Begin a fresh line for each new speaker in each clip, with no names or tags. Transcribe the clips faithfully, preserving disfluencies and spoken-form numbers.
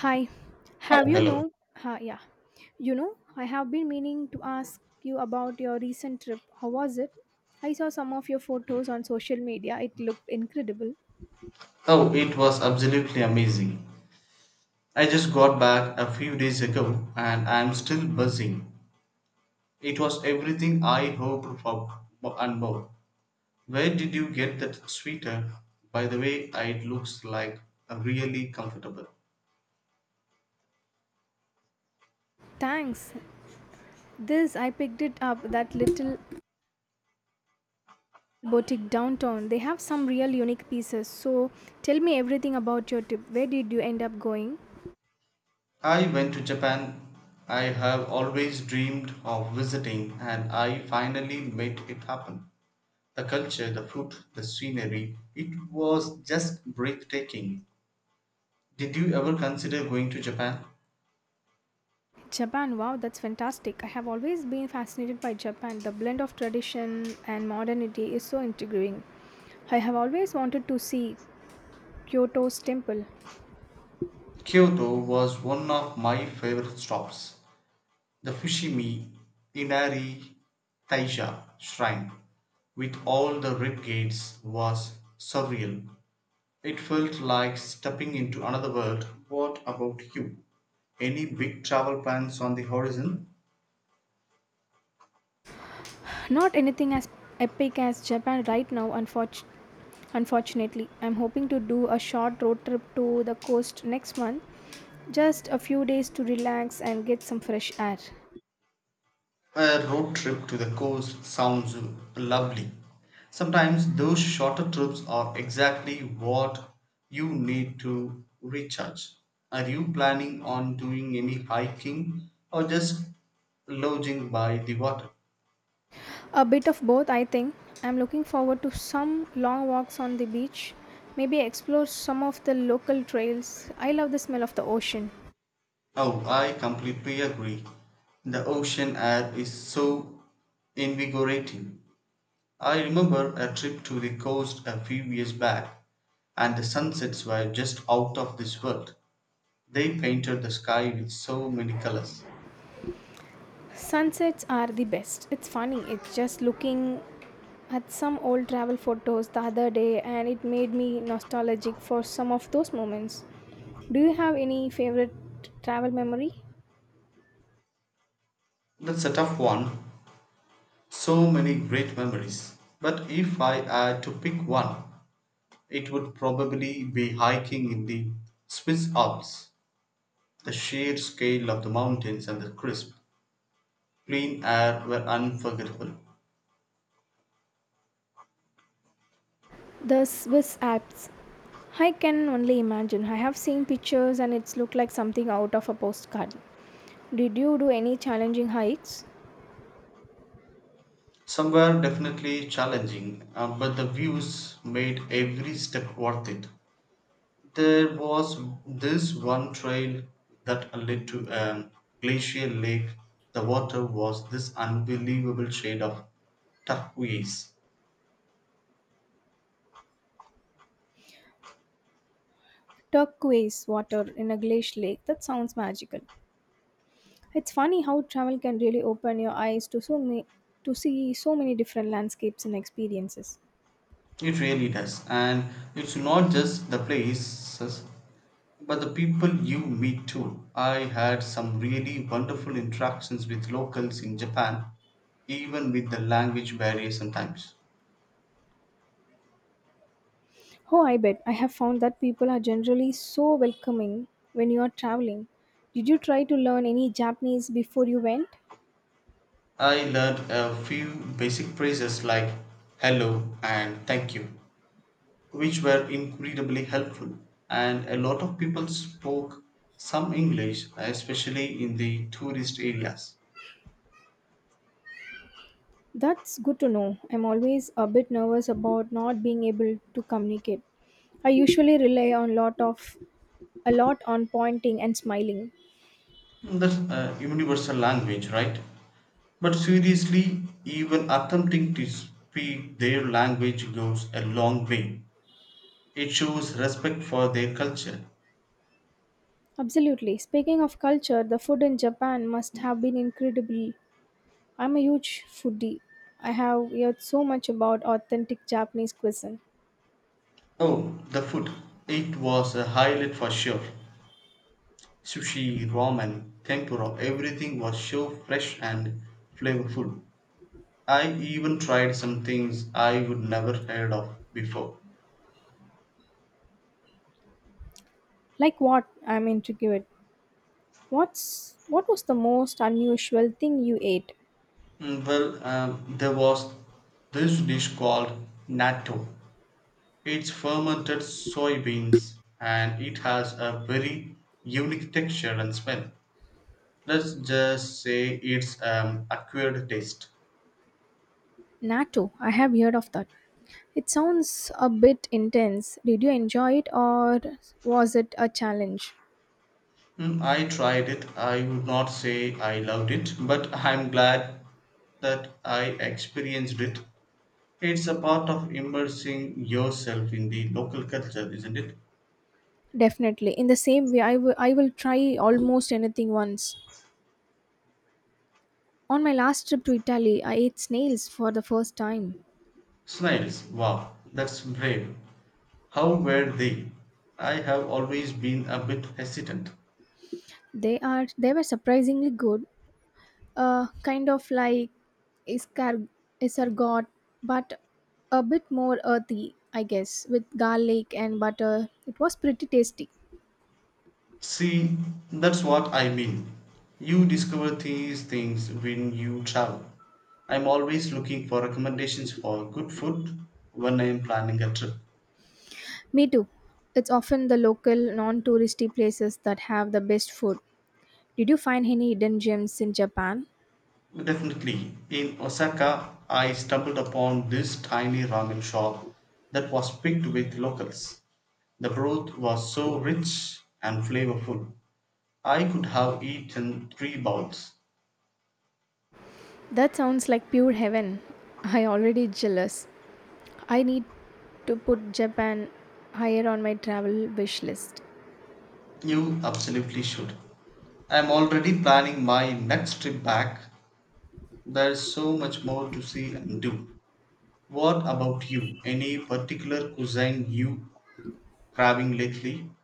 Hi, have
Alright,
you
hello.
know? Uh, yeah, you know, I have been meaning to ask you about your recent trip. How was it? I saw some of your photos on social media. It looked incredible.
Oh, it was absolutely amazing. I just got back a few days ago and I'm still buzzing. It was everything I hoped for and more. Where did you get that sweater? By the way, it looks like a really comfortable.
Thanks. This I picked it up that little boutique downtown. They have some real unique pieces. So tell me everything about your trip. Where did you end up going?
I went to Japan. I have always dreamed of visiting and I finally made it happen. The culture, the food, the scenery, it was just breathtaking. Did you ever consider going to Japan?
Japan. Wow, that's fantastic. I have always been fascinated by Japan. The blend of tradition and modernity is so intriguing. I have always wanted to see. Kyoto's temple.
Kyoto was one of my favorite stops. The Fushimi Inari Taisha shrine, with all the rib gates, was surreal. It felt like stepping into another world. What about you? Any big travel plans on the horizon?
Not anything as epic as Japan right now, unfortunately. Unfortunately, I'm hoping to do a short road trip to the coast next month. Just a few days to relax and get some fresh air.
A road trip to the coast sounds lovely. Sometimes those shorter trips are exactly what you need to recharge. Are you planning on doing any hiking or just lodging by the water?
A bit of both, I think. I'm looking forward to some long walks on the beach, maybe explore some of the local trails. I love the smell of the ocean.
Oh, I completely agree. The ocean air is so invigorating. I remember a trip to the coast a few years back, and the sunsets were just out of this world. They painted the sky with so many colors.
Sunsets are the best. It's funny, it's just looking at some old travel photos the other day and it made me nostalgic for some of those moments. Do you have any favorite travel memory?
That's a tough one. So many great memories. But if I had to pick one, it would probably be hiking in the Swiss Alps. The sheer scale of the mountains and the crisp, clean air were unforgettable.
The Swiss Alps. I can only imagine. I have seen pictures and it's looked like something out of a postcard. Did you do any challenging hikes?
Some were definitely challenging, uh, but the views made every step worth it. There was this one trail that led to a glacial lake. The water was this unbelievable shade of turquoise.
Turquoise water in a glacier lake. That sounds magical. It's funny how travel can really open your eyes to so many to see so many different landscapes and experiences.
It really does. And it's not just the places, but the people you meet too. I had some really wonderful interactions with locals in Japan, even with the language barrier sometimes.
Oh, I bet. I have found that people are generally so welcoming when you are traveling. Did you try to learn any Japanese before you went?
I learned a few basic phrases like hello and thank you. Which were incredibly helpful, and a lot of people spoke some English, especially in the tourist areas.
That's good to know. I'm always a bit nervous about not being able to communicate. I usually rely on lot of a lot on pointing and smiling.
That's a universal language, right? But seriously, even attempting to speak their language goes a long way. It shows respect for their culture.
Absolutely. Speaking of culture, the food in Japan must have been incredible. I'm a huge foodie. I have heard so much about authentic Japanese cuisine.
Oh, the food. It was a highlight for sure. Sushi, ramen, tempura, everything was so fresh and flavorful. I even tried some things I would never heard of before.
Like what? I'm intrigued. What's what was the most unusual thing you ate?
Mm, Well, um, there was this dish called natto. It's fermented soybeans and it has a very unique texture and smell. Let's just say it's um, acquired taste.
Natto, I have heard of that. It sounds a bit intense. Did you enjoy it or was it a challenge?
Mm, I tried it. I would not say I loved it, but I'm glad that I experienced it. It's a part of immersing yourself in the local culture, isn't it?
Definitely. In the same way, I will I will try almost anything once. On my last trip to Italy, I ate snails for the first time.
Snails, wow, that's brave. How were they? I have always been a bit hesitant.
They are they were surprisingly good, uh, kind of like escar- escargot, but a bit more earthy, I guess, with garlic and butter. It was pretty tasty.
See, that's what I mean. You discover these things when you travel. I'm always looking for recommendations for good food when I'm planning a trip.
Me too. It's often the local, non touristy places that have the best food. Did you find any hidden gems in Japan?
Definitely. In Osaka, I stumbled upon this tiny ramen shop that was picked with locals. The broth was so rich and flavorful. I could have eaten three bowls.
That sounds like pure heaven. I already jealous. I need to put Japan higher on my travel wish list.
You absolutely should. I am already planning my next trip back. There's so much more to see and do. What about you? Any particular cuisine you craving lately?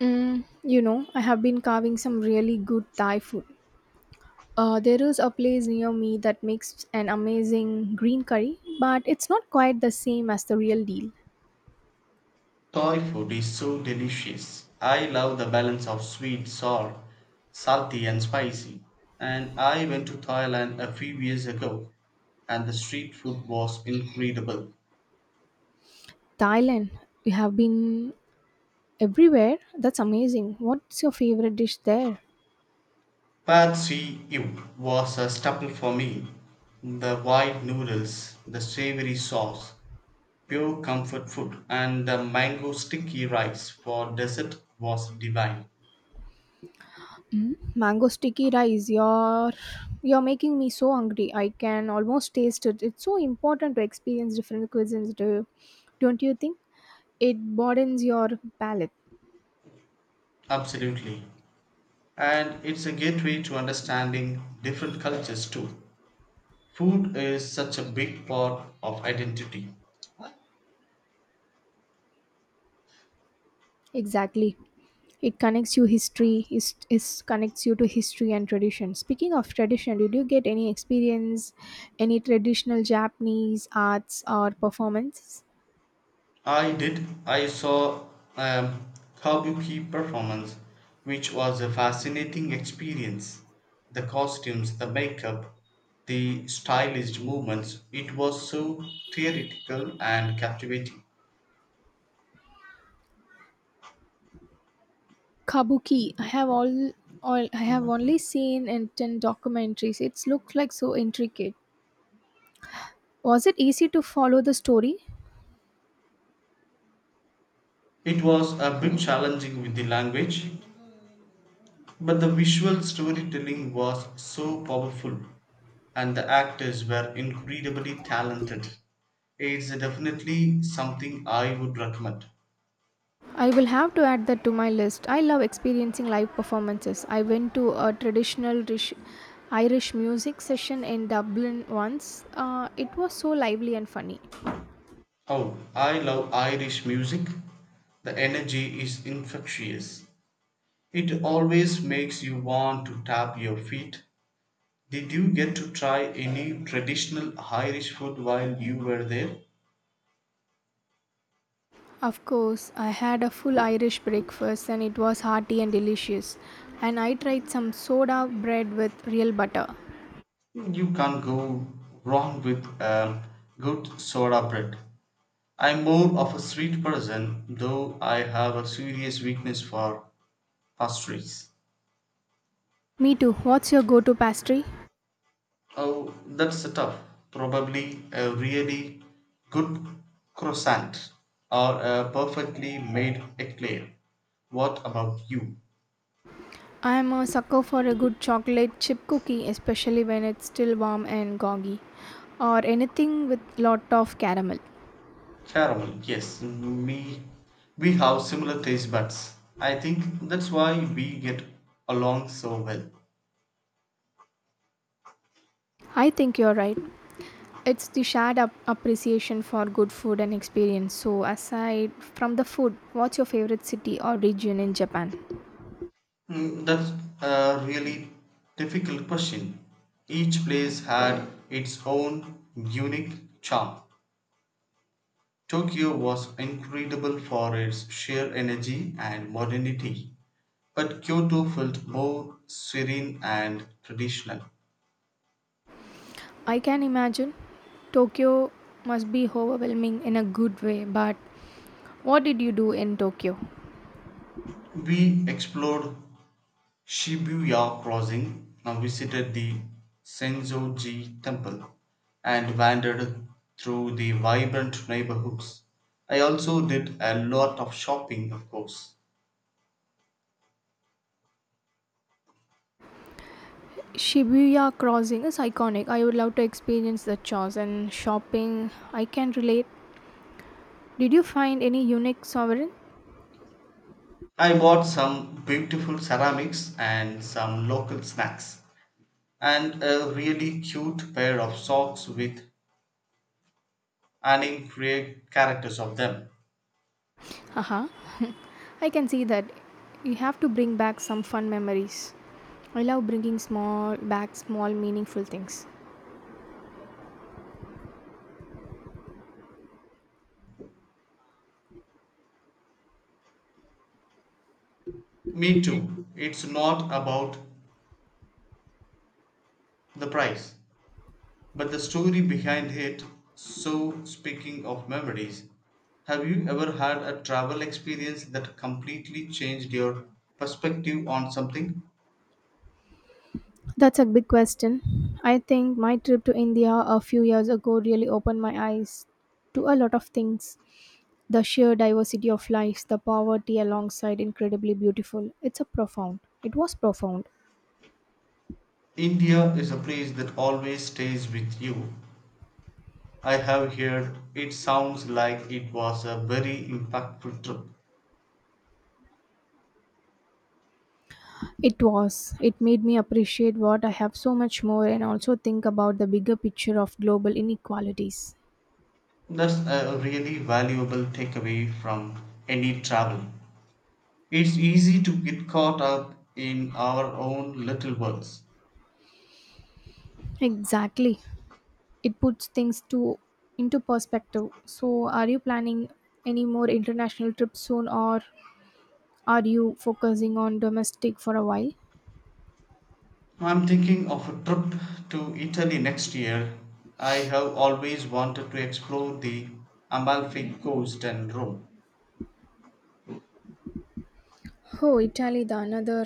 Mm, you know, I have been carving some really good Thai food. Uh, there is a place near me that makes an amazing green curry, but it's not quite the same as the real deal.
Thai food is so delicious. I love the balance of sweet, sour, salty, and spicy. And I went to Thailand a few years ago, and the street food was incredible.
Thailand, you have been everywhere. That's amazing. What's your favorite dish there?
Pad See Ew was a staple for me. The white noodles, the savory sauce, pure comfort food, and the mango sticky rice for dessert was divine.
Mm, mango sticky rice. You're you're making me so hungry. I can almost taste it. It's so important to experience different cuisines, do don't you think? It broadens your palate.
Absolutely. And it's a gateway to understanding different cultures too. Food is such a big part of identity.
Exactly. It connects you history. It, it connects you to history and tradition. Speaking of tradition, did you get any experience, any traditional Japanese arts or performance?
I did. I saw a kabuki performance, which was a fascinating experience. The costumes, the makeup, the stylized movements, it was so theatrical and captivating.
Kabuki. I have all, all I have only seen in ten documentaries. It looks like so intricate. Was it easy to follow the story?
It was a bit challenging with the language, but the visual storytelling was so powerful, and the actors were incredibly talented. It's definitely something I would recommend.
I will have to add that to my list. I love experiencing live performances. I went to a traditional Rish- Irish music session in Dublin once. Uh, it was so lively and funny.
Oh, I love Irish music. The energy is infectious. It always makes you want to tap your feet. Did you get to try any traditional Irish food while you were there?
Of course, I had a full Irish breakfast and it was hearty and delicious. And I tried some soda bread with real butter.
You can't go wrong with um, good soda bread. I'm more of a sweet person, though I have a serious weakness for pastries.
Me too. What's your go to pastry?
Oh, that's tough. Probably a really good croissant or a perfectly made eclair. What about you?
I am a sucker for a good chocolate chip cookie, especially when it's still warm and goggy, or anything with lot of caramel.
Caramel, yes. Me, we have similar taste buds. I think that's why we get along so well.
I think you're right. It's the shared ap- appreciation for good food and experience. So, aside from the food, what's your favorite city or region in Japan?
Mm, That's a really difficult question. Each place had its own unique charm. Tokyo was incredible for its sheer energy and modernity, but Kyoto felt more serene and traditional.
I can imagine Tokyo must be overwhelming in a good way, but what did you do in Tokyo?
We explored Shibuya Crossing, now visited the Sensoji Temple, and wandered through the vibrant neighborhoods. I also did a lot of shopping, of course.
Shibuya crossing is iconic. I would love to experience the chores and shopping. I can relate. Did you find any unique sovereign?
I bought some beautiful ceramics and some local snacks, and a really cute pair of socks with anime characters of them.
Haha. I can see that you have to bring back some fun memories. I love bringing small back small meaningful things.
Me too. It's not about the price. But the story behind it. So speaking of memories, have you ever had a travel experience that completely changed your perspective on something?
That's a big question. I think my trip to India a few years ago really opened my eyes to a lot of things. The sheer diversity of lives, the poverty alongside incredibly beautiful. It's a profound. It was profound.
India is a place that always stays with you. I have heard it sounds like it was a very impactful trip.
It was. It made me appreciate what I have so much more and also think about the bigger picture of global inequalities.
That's a really valuable takeaway from any travel. It's easy to get caught up in our own little worlds.
Exactly. It puts things to into perspective. So, are you planning any more international trips soon, or are you focusing on domestic for a while?
I'm thinking of a trip to Italy next year. I have always wanted to explore the Amalfi Coast and Rome.
Oh, Italy, the another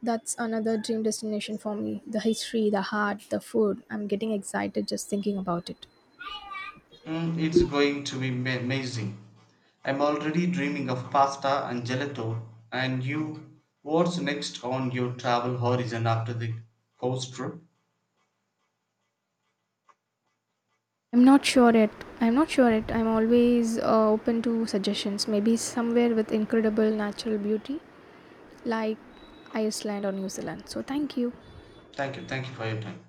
that's another dream destination for me. The history, the art, the food. I'm getting excited just thinking about it.
Mm, it's going to be ma- amazing. I'm already dreaming of pasta and gelato. And you, what's next on your travel horizon after the coast trip?
I'm not sure yet. I'm not sure yet. I'm always uh, open to suggestions. Maybe somewhere with incredible natural beauty, like Iceland or New Zealand. So, thank you.
Thank you, thank you for your time.